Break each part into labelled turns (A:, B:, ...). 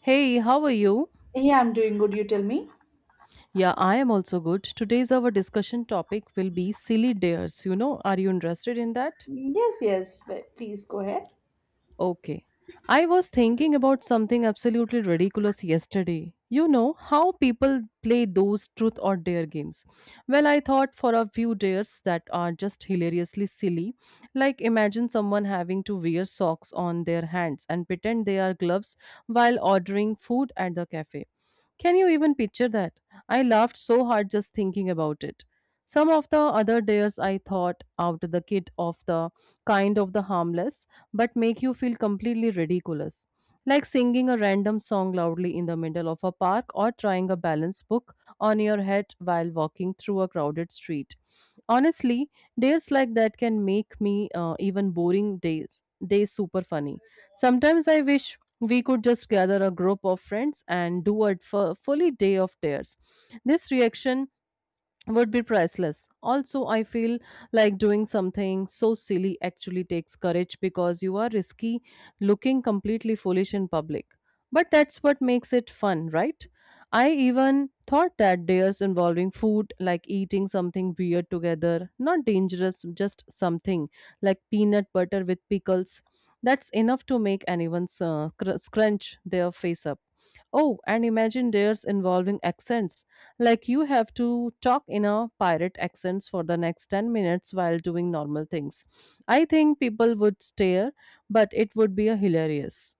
A: Hey, how are you?
B: Yeah, I'm doing good. You tell me.
A: Yeah, I am also good. Today's our discussion topic will be silly dares. You know, are you interested in that?
B: Yes, yes. Please go ahead.
A: Okay. I was thinking about something absolutely ridiculous yesterday. You know how people play those truth or dare games. Well, I thought for a few dares that are just hilariously silly. Like imagine someone having to wear socks on their hands and pretend they are gloves while ordering food at the cafe. Can you even picture that? I laughed so hard just thinking about it. Some of the other dares I thought out the kid of the kind of the harmless but make you feel completely ridiculous, like singing a random song loudly in the middle of a park or trying a balance book on your head while walking through a crowded street. Honestly, days like that can make me even boring days super funny. Sometimes I wish we could just gather a group of friends and do a fully day of dares. This reaction would be priceless. Also, I feel like doing something so silly actually takes courage because you are risky looking completely foolish in public. But that's what makes it fun, right? I even thought that dares involving food, like eating something weird together, not dangerous, just something like peanut butter with pickles, that's enough to make anyone scrunch their face up. Oh, and imagine dares involving accents like you have to talk in a pirate accents for the next 10 minutes while doing normal things. I think people would stare, but it would be a hilarious.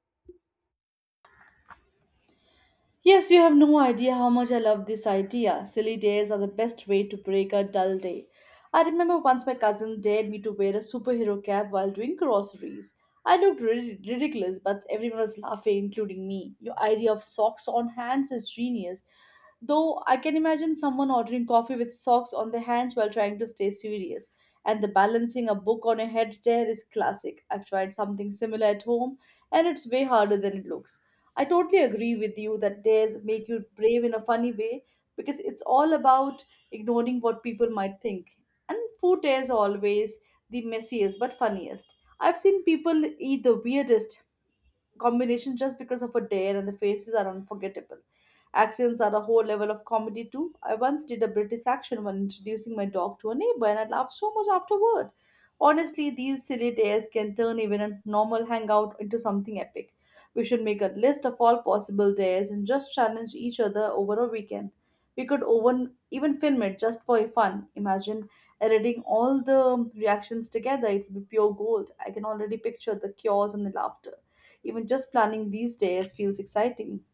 B: Yes, you have no idea how much I love this idea. Silly days are the best way to break a dull day. I remember once my cousin dared me to wear a superhero cap while doing groceries. I looked ridiculous, but everyone was laughing, including me. Your idea of socks on hands is genius. Though I can imagine someone ordering coffee with socks on their hands while trying to stay serious. And the balancing a book on a head chair is classic. I've tried something similar at home, and it's way harder than it looks. I totally agree with you that dares make you brave in a funny way because it's all about ignoring what people might think. And food is always the messiest but funniest. I've seen people eat the weirdest combination just because of a dare and the faces are unforgettable. Accents are a whole level of comedy too. I once did a British accent when introducing my dog to a neighbor and I laughed so much afterward. Honestly, these silly days can turn even a normal hangout into something epic. We should make a list of all possible days and just challenge each other over a weekend. We could even film it just for fun. Imagine editing all the reactions together. It would be pure gold. I can already picture the chaos and the laughter. Even just planning these days feels exciting.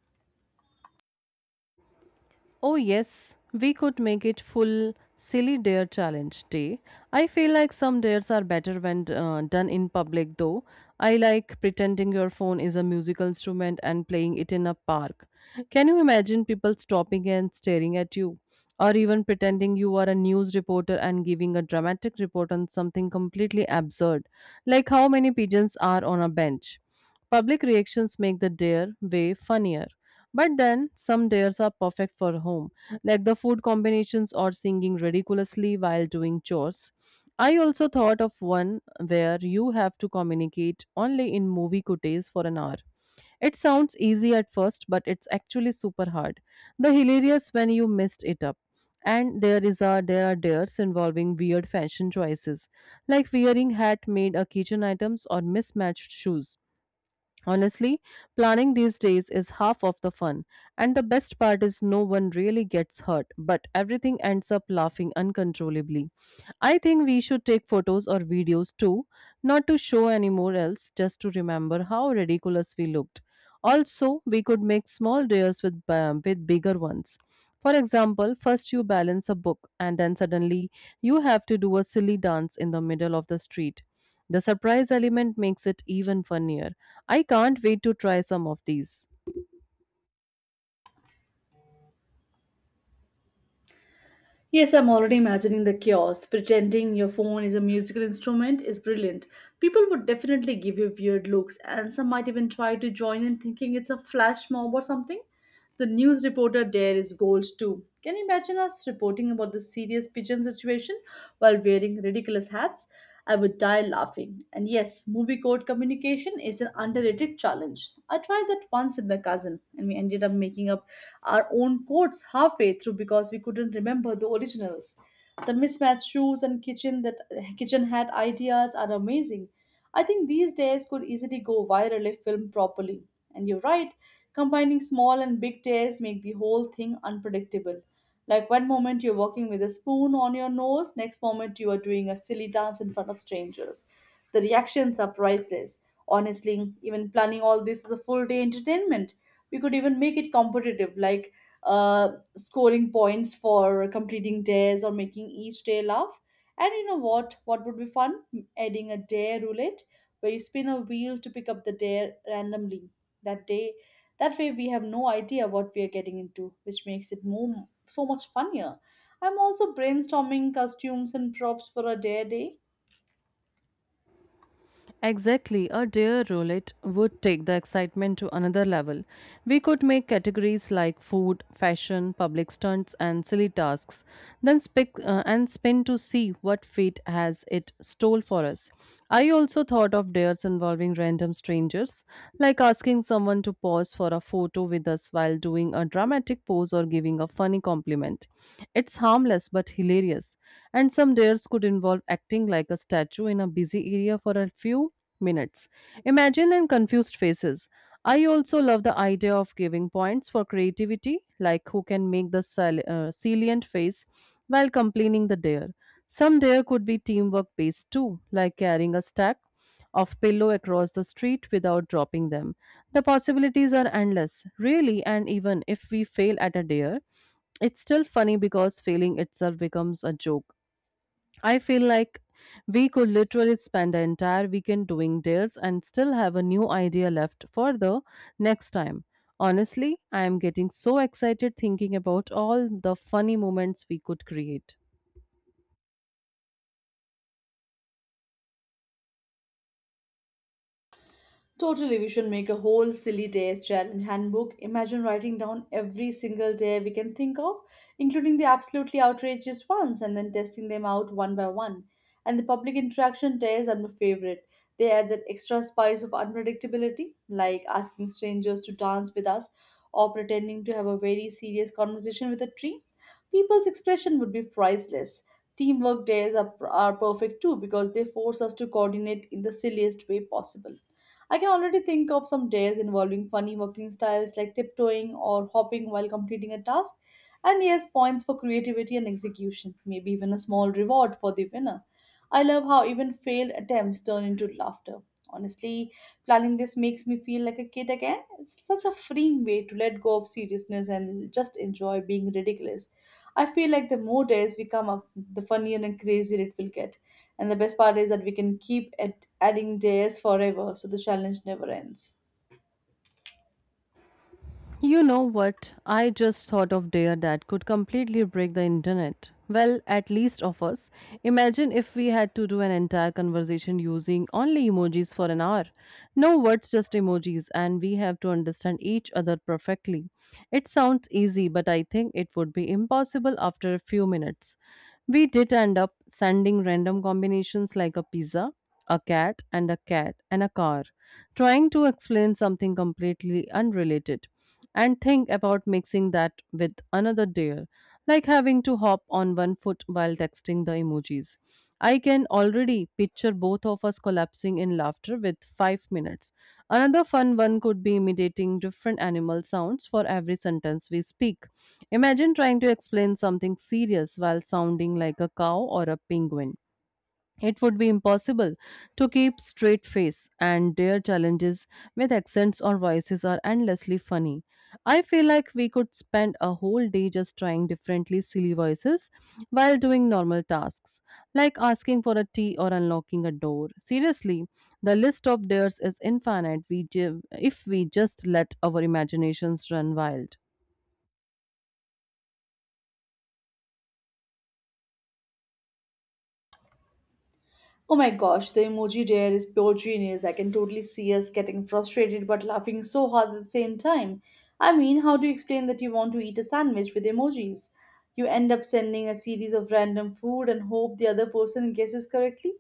A: Oh, yes, we could make it full silly dare challenge day. I feel like some dares are better when done in public, though. I like pretending your phone is a musical instrument and playing it in a park. Can you imagine people stopping and staring at you? Or even pretending you are a news reporter and giving a dramatic report on something completely absurd, like how many pigeons are on a bench. Public reactions make the dare way funnier. But then some days are perfect for home, like the food combinations or singing ridiculously while doing chores. I also thought of one where you have to communicate only in movie quotes for an hour. It sounds easy at first, but it's actually super hard. The hilarious when you messed it up. And there is a there are dares involving weird fashion choices, like wearing hat made a kitchen items or mismatched shoes. Honestly, planning these days is half of the fun, and the best part is no one really gets hurt, but everything ends up laughing uncontrollably. I think we should take photos or videos too, not to show anymore else, just to remember how ridiculous we looked. Also, we could make small dares with bigger ones. For example, first you balance a book, and then suddenly you have to do a silly dance in the middle of the street. The surprise element makes it even funnier. I can't wait to try some of these.
B: Yes, I'm already imagining the chaos. Pretending your phone is a musical instrument is brilliant. People would definitely give you weird looks, and some might even try to join in thinking it's a flash mob or something. The news reporter there is gold too. Can you imagine us reporting about the serious pigeon situation while wearing ridiculous hats? I would die laughing. And yes, movie code communication is an underrated challenge. I tried that once with my cousin, and we ended up making up our own quotes halfway through because we couldn't remember the originals. The mismatched shoes and kitchen hat ideas are amazing. I think these days could easily go viral if filmed properly. And you're right, combining small and big tears make the whole thing unpredictable. Like one moment you're walking with a spoon on your nose, next moment you are doing a silly dance in front of strangers. The reactions are priceless. Honestly, even planning all this is a full day entertainment. We could even make it competitive, like uh, scoring points for completing dares or making each day laugh. And you know what would be fun? Adding a dare roulette, where you spin a wheel to pick up the dare randomly that day. That way we have no idea what we are getting into, which makes it more, so much funnier. I'm also brainstorming costumes and props for a dare day.
A: Exactly, a dare roulette would take the excitement to another level. We could make categories like food, fashion, public stunts, and silly tasks, then spic- and spin to see what fate has it stole for us. I also thought of dares involving random strangers, like asking someone to pause for a photo with us while doing a dramatic pose or giving a funny compliment. It's harmless but hilarious, and some dares could involve acting like a statue in a busy area for a few minutes. Imagine and confused faces. I also love the idea of giving points for creativity, like who can make the salient face while completing the dare. Some dare could be teamwork based too, like carrying a stack of pillow across the street without dropping them. The possibilities are endless, really, and even if we fail at a dare, it's still funny because failing itself becomes a joke. I feel like we could literally spend the entire weekend doing dares and still have a new idea left for the next time. Honestly, I am getting so excited thinking about all the funny moments we could create.
B: Totally, we should make a whole silly days challenge handbook. Imagine writing down every single day we can think of, including the absolutely outrageous ones, and then testing them out one by one. And the public interaction days are my favorite. They add that extra spice of unpredictability, like asking strangers to dance with us or pretending to have a very serious conversation with a tree. People's expression would be priceless. Teamwork days are perfect too because they force us to coordinate in the silliest way possible. I can already think of some days involving funny working styles like tiptoeing or hopping while completing a task, and yes, points for creativity and execution, maybe even a small reward for the winner. I love how even failed attempts turn into laughter. Honestly, planning this makes me feel like a kid again. It's such a freeing way to let go of seriousness and just enjoy being ridiculous. I feel like the more days we come up, the funnier and crazier it will get. And the best part is that we can keep adding layers forever, so the challenge never ends.
A: You know what? I just thought of dare that could completely break the internet. Well, at least of us. Imagine if we had to do an entire conversation using only emojis for an hour. No words, just emojis, and we have to understand each other perfectly. It sounds easy, but I think it would be impossible after a few minutes. We did end up sending random combinations like a pizza a cat and a car, trying to explain something completely unrelated, and think about mixing that with another dare, like having to hop on one foot while texting the emojis. I can already picture both of us collapsing in laughter with five minutes. Another fun one could be imitating different animal sounds for every sentence we speak. Imagine trying to explain something serious while sounding like a cow or a penguin. It would be impossible to keep straight face and dare challenges with accents or voices are endlessly funny. I feel like we could spend a whole day just trying differently silly voices while doing normal tasks, like asking for a tea or unlocking a door. Seriously, the list of dares is infinite if we just let our imaginations run wild.
B: Oh my gosh, the emoji dare is pure genius. I can totally see us getting frustrated but laughing so hard at the same time. I mean, how do you explain that you want to eat a sandwich with emojis? You end up sending a series of random food and hope the other person guesses correctly.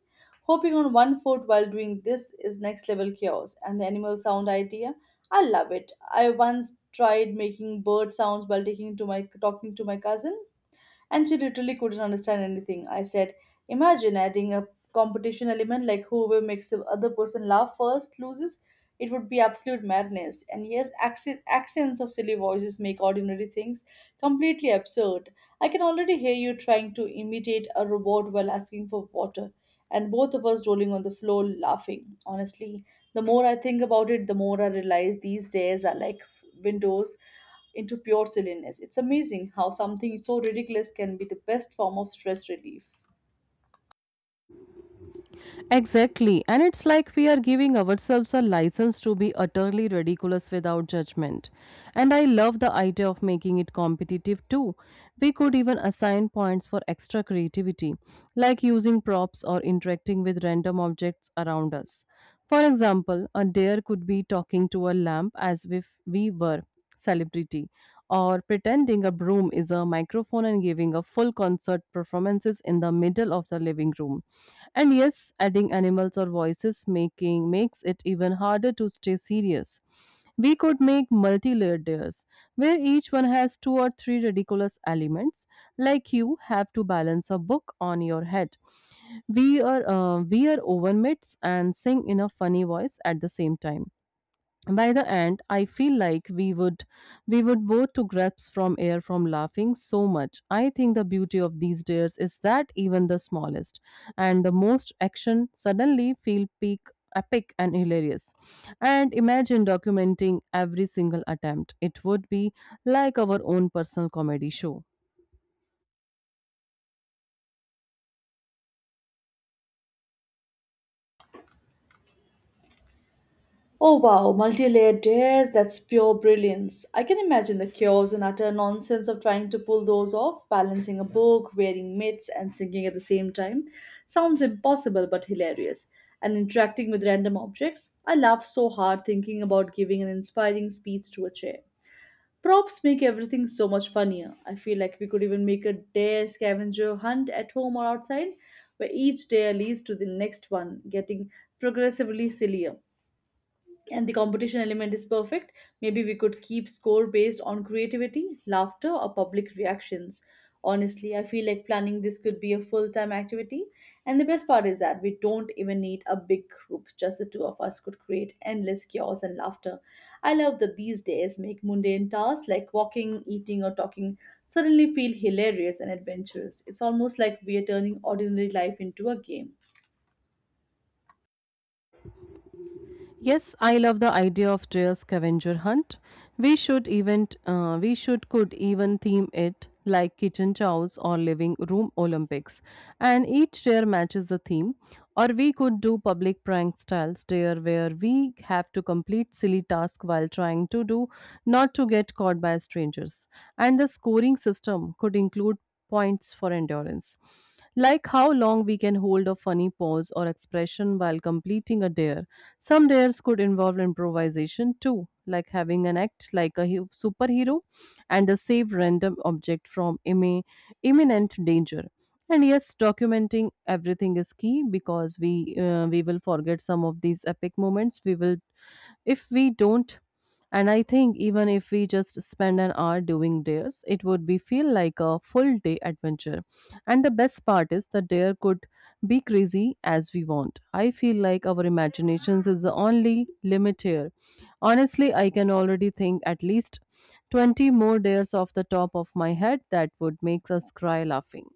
B: Hopping on one foot while doing this is next level chaos. And the animal sound idea, I love it. I once tried making bird sounds while taking to my talking to my cousin and she literally couldn't understand anything I said. Imagine adding a competition element like whoever makes the other person laugh first loses. It would be absolute madness. And yes, accents of silly voices make ordinary things completely absurd. I can already hear you trying to imitate a robot while asking for water and both of us rolling on the floor laughing. Honestly, the more I think about it, the more I realize these days are like windows into pure silliness. It's amazing how something so ridiculous can be the best form of stress relief.
A: Exactly. And it's like we are giving ourselves a license to be utterly ridiculous without judgment. And I love the idea of making it competitive too. We could even assign points for extra creativity, like using props or interacting with random objects around us. For example, a deer could be talking to a lamp as if we were celebrity or pretending a broom is a microphone and giving a full concert performances in the middle of the living room and yes, adding animals or voices making makes it even harder to stay serious. We could make multi-layered layers where each one has two or three ridiculous elements, like you have to balance a book on your head. We are oven mitts and sing in a funny voice at the same time by the end. I feel like we would both to grasp from air from laughing so much. I think the beauty of these days is that even the smallest and the most action suddenly feel peak epic and hilarious, and imagine documenting every single attempt. It would be like our own personal comedy show.
B: Oh wow, multi-layered dares, that's pure brilliance. I can imagine the chaos and utter nonsense of trying to pull those off, balancing a book, wearing mitts, and singing at the same time. Sounds impossible but hilarious. And interacting with random objects, I laugh so hard thinking about giving an inspiring speech to a chair. Props make everything so much funnier. I feel like we could even make a dare scavenger hunt at home or outside, where each dare leads to the next one, getting progressively sillier, and the competition element is perfect. Maybe we could keep score based on creativity, laughter, or public reactions. Honestly, I feel like planning this could be a full time activity. And the best part is that we don't even need a big group, just the two of us could create endless chaos and laughter. I love that these days make mundane tasks like walking, eating, or talking suddenly feel hilarious and adventurous. It's almost like we are turning ordinary life into a game.
A: Yes, I love the idea of trail scavenger hunt. We should even we should could even theme it like kitchen chows or living room Olympics, and each tier matches the theme. Or we could do public prank style tier where we have to complete silly task while trying to do not to get caught by strangers. And the scoring system could include points for endurance, like how long we can hold a funny pose or expression while completing a dare. Some dares could involve improvisation too, like having an act like a superhero and a save random object from imminent danger. And yes, documenting everything is key because we will forget some of these epic moments. We will if we don't, and I think even if we just spend an hour doing dares, it would be feel like a full day adventure. And the best part is the dare could be crazy as we want. I feel like our imaginations is the only limit here. Honestly, I can already think at least 20 more dares off the top of my head that would make us cry laughing.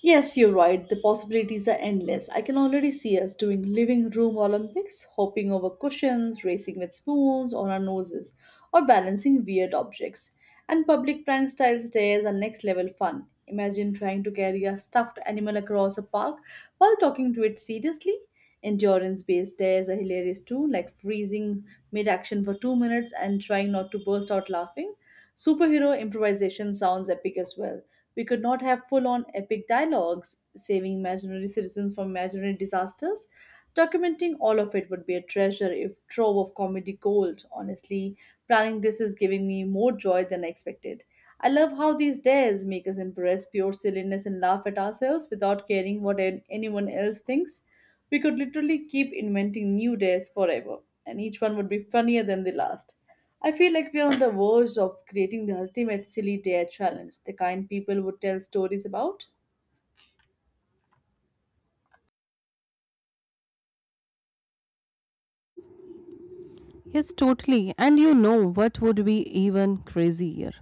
B: Yes, you're right. The possibilities are endless. I can already see us doing living room Olympics, hopping over cushions, racing with spoons on our noses, or balancing weird objects. And public prank style stairs are next level fun. Imagine trying to carry a stuffed animal across a park while talking to it seriously. Endurance based stairs are hilarious too, like freezing mid action for 2 minutes and trying not to burst out laughing. Superhero improvisation sounds epic as well. We could not have full on epic dialogues, saving imaginary citizens from imaginary disasters. Documenting all of it would be a treasure if trove of comedy gold. Honestly, planning this is giving me more joy than I expected. I love how these dares make us embrace pure silliness and laugh at ourselves without caring what anyone else thinks. We could literally keep inventing new days forever, and each one would be funnier than the last. I feel like we're on the verge of creating the ultimate silly dare challenge, the kind people would tell stories about.
A: Yes, totally. And you know what would be even crazier?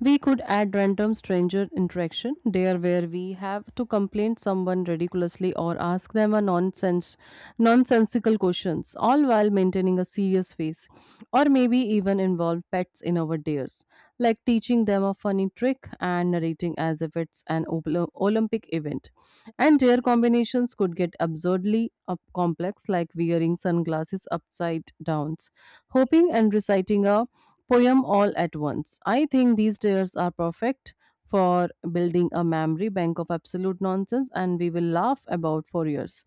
A: We could add random stranger interaction there where we have to complain someone ridiculously or ask them a nonsense nonsensical questions, all while maintaining a serious face. Or maybe even involve pets in our dares, like teaching them a funny trick and narrating as if it's an Olympic event. And rare combinations could get absurdly up complex, like wearing sunglasses upside downs, hoping and reciting a poem all at once. I think these tiers are perfect for building a memory bank of absolute nonsense and we will laugh about for years,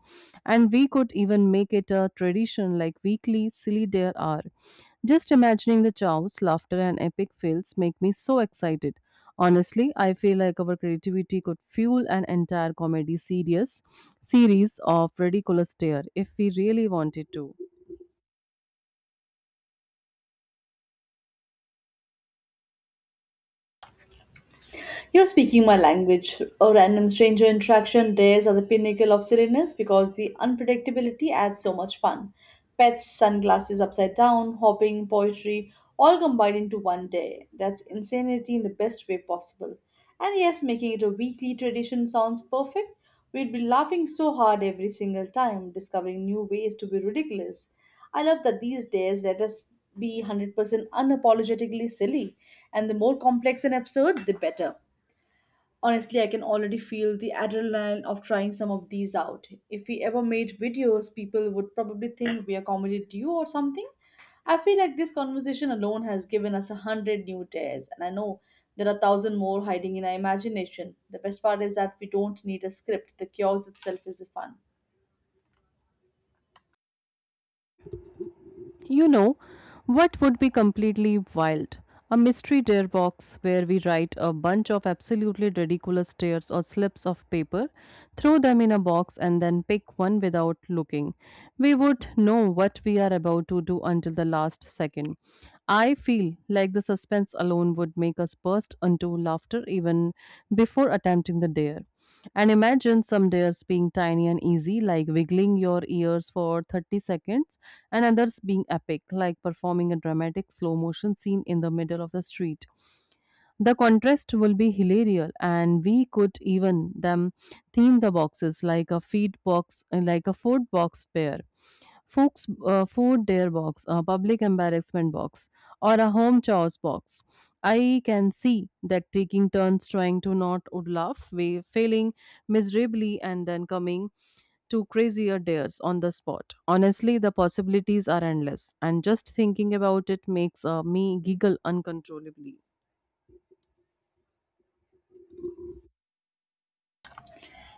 A: and we could even make it a tradition like weekly silly dare hour. Just imagining the chows laughter and epic fails make me so excited. Honestly, I feel like our creativity could fuel an entire comedy series series of ridiculous tear if we really wanted to.
B: You're speaking my language. A random stranger interaction days are the pinnacle of silliness because the unpredictability adds so much fun. Pets, sunglasses upside down, hopping, poetry, all combined into one day. That's insanity in the best way possible. And yes, making it a weekly tradition sounds perfect. We'd be laughing so hard every single time, discovering new ways to be ridiculous. I love that these days let us be 100% unapologetically silly, and the more complex an episode, the better. Honestly, I can already feel the adrenaline of trying some of these out. If we ever made videos, people would probably think we are comedy duo or something. I feel like this conversation alone has given us 100 new days, and I know there are 1,000 more hiding in our imagination. The best part is that we don't need a script, the chaos itself is the fun.
A: You know, what would be completely wild? A mystery dare box where we write a bunch of absolutely ridiculous dares or slips of paper, throw them in a box, and then pick one without looking. We would know what we are about to do until the last second. I feel like the suspense alone would make us burst into laughter even before attempting the dare. And imagine some dares being tiny and easy, like wiggling your ears for 30 seconds and others being epic, like performing a dramatic slow motion scene in the middle of the street. The contrast will be hilarious, and we could even theme the boxes like a food box pair. Food dare box, a public embarrassment box, or a home chores box. I can see that taking turns trying to not would laugh, we failing miserably, and then coming to crazier dares on the spot. Honestly, the possibilities are endless, and just thinking about it makes me giggle uncontrollably.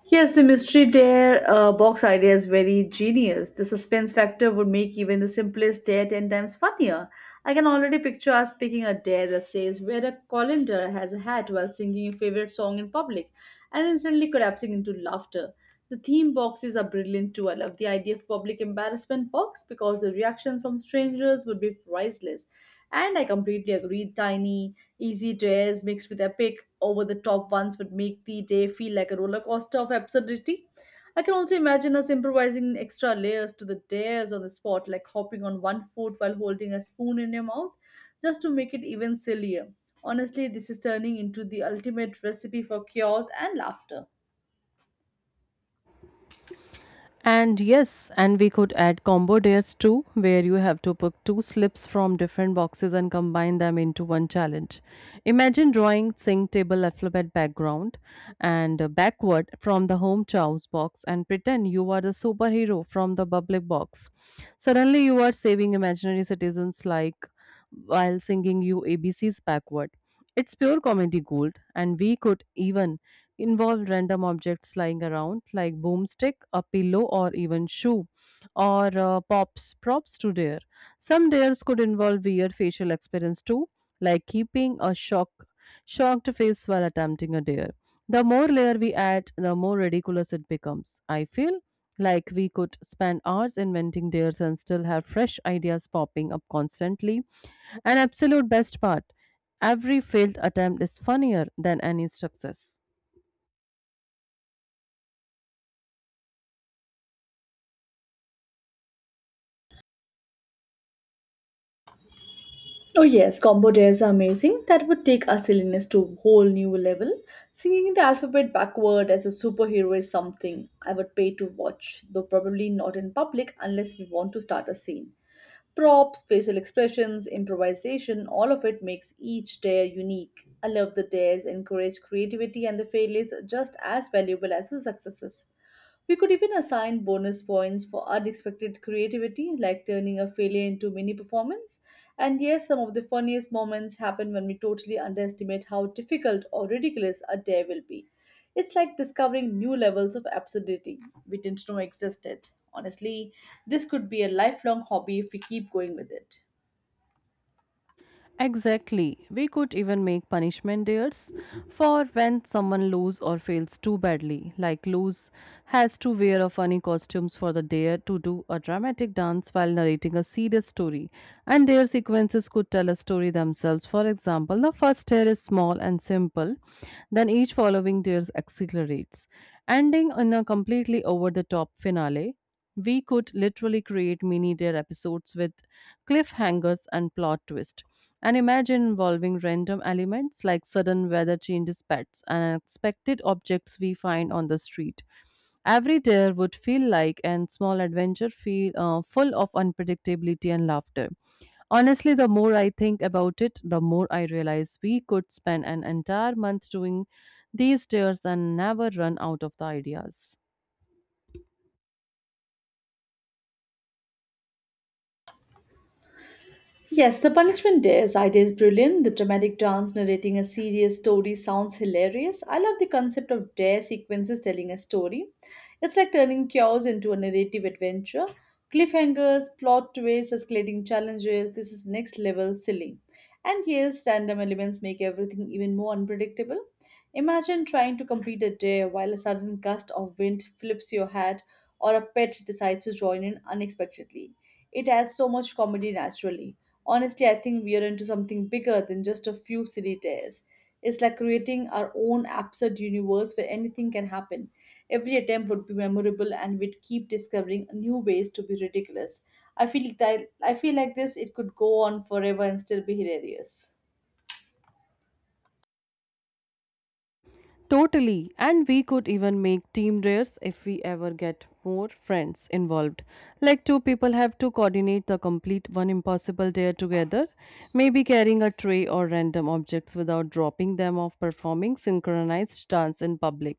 B: Yes, the mystery dare box idea is very genius. The suspense factor would make even the simplest dare 10 times funnier. I can already picture us picking a dare that says, "Wear a colander has a hat while singing your favorite song in public," and instantly collapsing into laughter. The theme boxes are brilliant too. I love the idea of public embarrassment box because the reaction from strangers would be priceless. And I completely agree, tiny. Easy dares mixed with epic, over the top ones would make the day feel like a roller coaster of absurdity. I can also imagine us improvising extra layers to the dares on the spot, like hopping on one foot while holding a spoon in your mouth, just to make it even sillier. Honestly, this is turning into the ultimate recipe for chaos and laughter.
A: And yes, and we could add combo dares too, where you have to pick two slips from different boxes and combine them into one challenge. Imagine drawing sync table alphabet background and backward from the home chow's box and pretend you are the superhero from the public box. Suddenly, you are saving imaginary citizens like while singing you ABCs backward. It's pure comedy gold, and we could even involve random objects lying around like boomstick a pillow or even shoe or pops props to dare. Some dares could involve weird facial experience too, like keeping a shocked face while attempting a dare. The more layer we add, the more ridiculous it becomes. I feel like we could spend hours inventing dares and still have fresh ideas popping up constantly. An absolute best part, every failed attempt is funnier than any success.
B: Oh yes, combo dares are amazing. That would take our silliness to a whole new level. Singing the alphabet backward as a superhero is something I would pay to watch, though probably not in public unless we want to start a scene. Props, facial expressions, improvisation, all of it makes each dare unique. I love the dares encourage creativity and the failures are just as valuable as the successes. We could even assign bonus points for unexpected creativity, like turning a failure into mini performance. And yes, some of the funniest moments happen when we totally underestimate how difficult or ridiculous a day will be. It's like discovering new levels of absurdity we didn't know existed. Honestly, this could be a lifelong hobby if we keep going with it.
A: Exactly. We could even make punishment dates for when someone lose or fails too badly. Like lose has to wear a funny costumes for the dare to do a dramatic dance while narrating a serious story. And dare sequences could tell a story themselves. For example, the first dare is small and simple, then each following dare accelerates, ending in a completely over the top finale. We could literally create mini dare episodes with cliffhangers and plot twists. And imagine involving random elements like sudden weather changes, pets, and unexpected objects we find on the street. Every dare would feel like an small adventure full of unpredictability and laughter. Honestly, the more I think about it, the more I realize we could spend an entire month doing these dares and never run out of the ideas.
B: Yes, the punishment dares idea is brilliant. The dramatic dance narrating a serious story sounds hilarious. I love the concept of dare sequences telling a story. It's like turning chaos into a narrative adventure. Cliffhangers, plot twists, escalating challenges. This is next level silly. And yes, random elements make everything even more unpredictable. Imagine trying to complete a dare while a sudden gust of wind flips your hat or a pet decides to join in unexpectedly. It adds so much comedy naturally. Honestly, I think we are into something bigger than just a few silly tears. It's like creating our own absurd universe where anything can happen. Every attempt would be memorable and we'd keep discovering new ways to be ridiculous. I feel that I feel like this it could go on forever and still be hilarious.
A: Totally, and we could even make team drills if we ever get more friends involved. Like two people have to coordinate the complete one impossible dare together, maybe carrying a tray or random objects without dropping them off performing synchronized dance in public.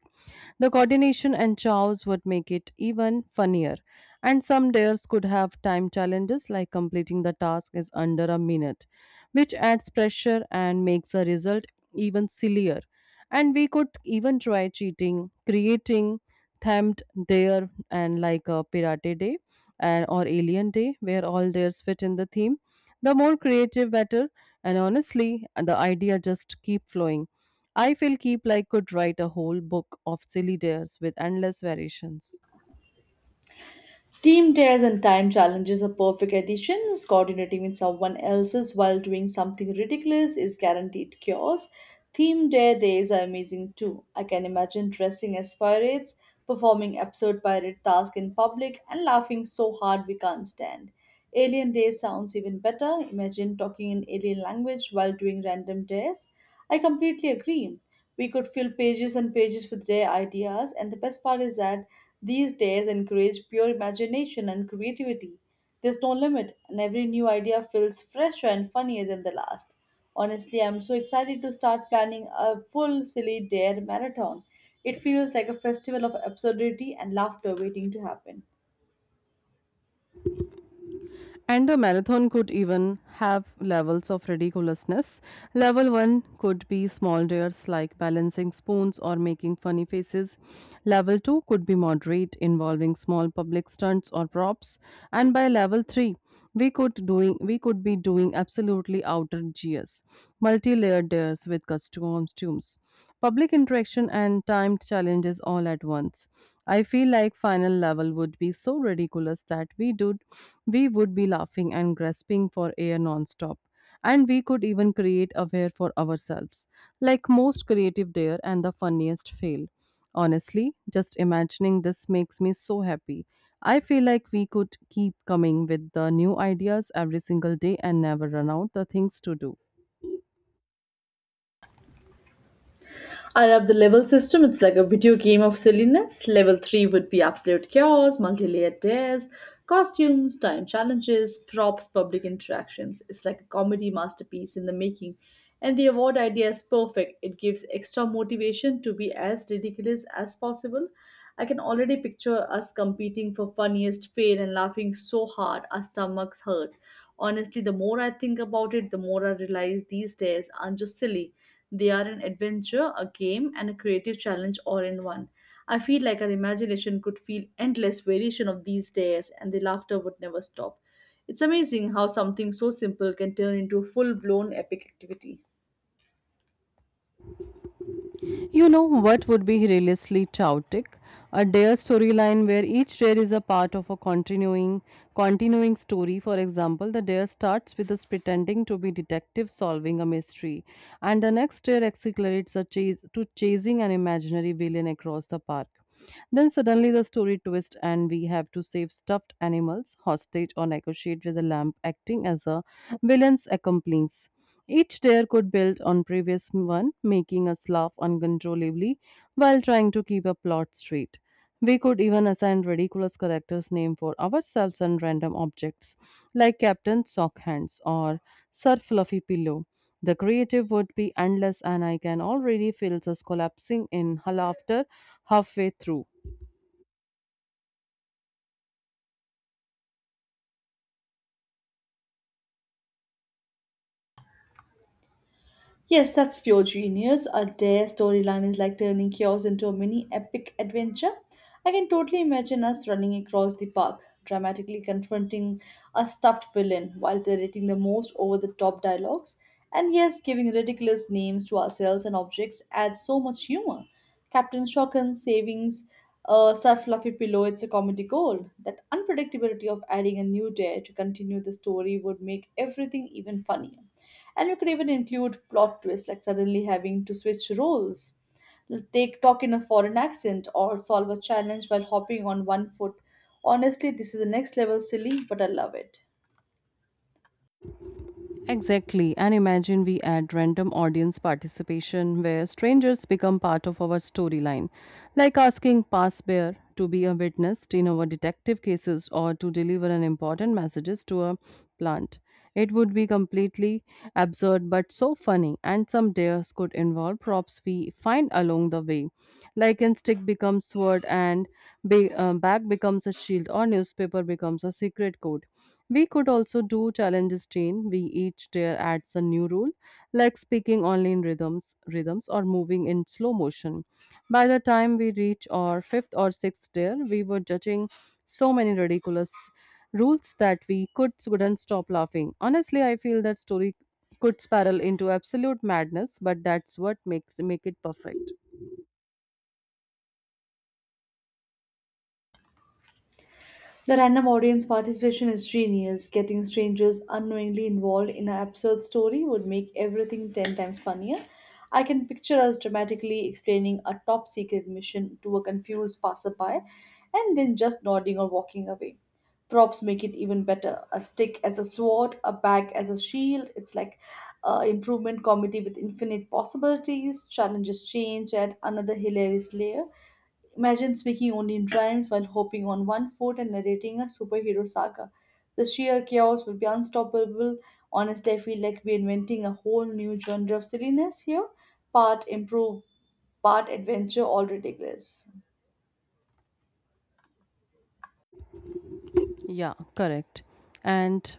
A: The coordination and chows would make it even funnier. And some dares could have time challenges like completing the task is under a minute, which adds pressure and makes the result even sillier. And we could even try cheating, creating themed dare and like a pirate day and or alien day where all dares fit in the theme. The more creative better, and honestly the idea just keep flowing. I feel Keep Like could write a whole book of silly dares with endless variations.
B: Team tears and time challenges are perfect additions. Coordinating with someone else's while doing something ridiculous is guaranteed chaos. Theme dare days are amazing too. I can imagine dressing as pirates, performing absurd pirate tasks in public, and laughing so hard we can't stand. Alien days sounds even better. Imagine talking in alien language while doing random dares. I completely agree. We could fill pages and pages with their ideas, and the best part is that these days encourage pure imagination and creativity. There's no limit, and every new idea feels fresher and funnier than the last. Honestly, I'm so excited to start planning a full silly dare marathon. It feels like a festival of absurdity and laughter waiting to happen.
A: And the marathon could even have levels of ridiculousness. Level 1 could be small dares like balancing spoons or making funny faces. Level 2 could be moderate involving small public stunts or props. And by level 3, we could be doing absolutely outrageous multi-layered layers with costumes, public interaction, and timed challenges all at once. I feel like final level would be so ridiculous that we would be laughing and grasping for air non-stop. And we could even create a wear for ourselves, like most creative dare and the funniest fail. Honestly, just imagining this makes me so happy. I feel like we could keep coming with the new ideas every single day and never run out the things to do.
B: I love the level system. It's like a video game of silliness. Level 3 would be absolute chaos, multi layered dares, costumes, time challenges, props, public interactions. It's like a comedy masterpiece in the making. And the award idea is perfect. It gives extra motivation to be as ridiculous as possible. I can already picture us competing for funniest fail and laughing so hard our stomachs hurt. Honestly, the more I think about it, the more I realize these days aren't just silly. They are an adventure, a game, and a creative challenge all in one. I feel like our imagination could feel endless variation of these days and the laughter would never stop. It's amazing how something so simple can turn into a full blown epic activity.
A: You know what would be realistically chaotic? A dare storyline where each dare is a part of a continuing story. For example, the dare starts with us pretending to be detectives solving a mystery, and the next dare accelerates a chase to chasing an imaginary villain across the park. Then suddenly the story twists and we have to save stuffed animals, hostage, or negotiate with a lamp acting as a villain's accomplice. Each tier could build on previous one, making us laugh uncontrollably while trying to keep a plot straight. We could even assign ridiculous characters' name for ourselves and random objects, like Captain Sock Hands or Sir Fluffy Pillow. The creative would be endless, and I can already feel us collapsing in laughter halfway through.
B: Yes, that's pure genius. A dare storyline is like turning chaos into a mini epic adventure. I can totally imagine us running across the park, dramatically confronting a stuffed villain while narrating the most over the top dialogues. And yes, giving ridiculous names to ourselves and objects adds so much humor. Captain Shocken, Savings, Sir Fluffy Pillow, it's a comedy gold. That unpredictability of adding a new dare to continue the story would make everything even funnier, and we could even include plot twists like suddenly having to switch roles, take talk in a foreign accent, or solve a challenge while hopping on one foot. Honestly, this is the next level silly, but I love it.
A: Exactly. And imagine we add random audience participation where strangers become part of our storyline, like asking pass bear to be a witness in our detective cases or to deliver an important messages to a plant. It would be completely absurd, but so funny, and some dares could involve props we find along the way. Like in stick becomes sword and bag becomes a shield or newspaper becomes a secret code. We could also do challenges chain. We each tier adds a new rule, like speaking only in rhythms or moving in slow motion. By the time we reach our fifth or sixth tier, we were judging so many ridiculous rules that we could couldn't stop laughing. Honestly, I feel that story could spiral into absolute madness, but that's what makes make it perfect.
B: The random audience participation is genius. Getting strangers unknowingly involved in an absurd story would make everything 10 times funnier. I can picture us dramatically explaining a top secret mission to a confused passerby and then just nodding or walking away. Props make it even better. A stick as a sword, a bag as a shield. It's like improvement comedy with infinite possibilities. Challenges change, add another hilarious layer. Imagine speaking only in rhymes while hopping on one foot and narrating a superhero saga. The sheer chaos would be unstoppable. Honestly, I feel like we're inventing a whole new genre of silliness here. Part improve, part adventure, all ridiculous.
A: Yeah, correct. And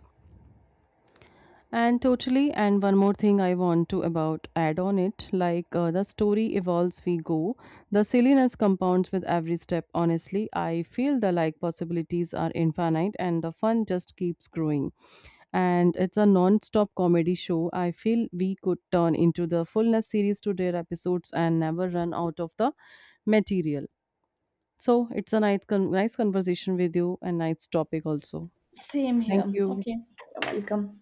A: And totally, and one more thing I want to about add on it, like the story evolves, we go. The silliness compounds with every step. Honestly, I feel the like possibilities are infinite, and the fun just keeps growing. And it's a non-stop comedy show. I feel we could turn into the fullness series to their episodes and never run out of the material. So it's a nice conversation with you and nice topic also.
B: Same here.
A: Thank you.
B: Okay. You're welcome.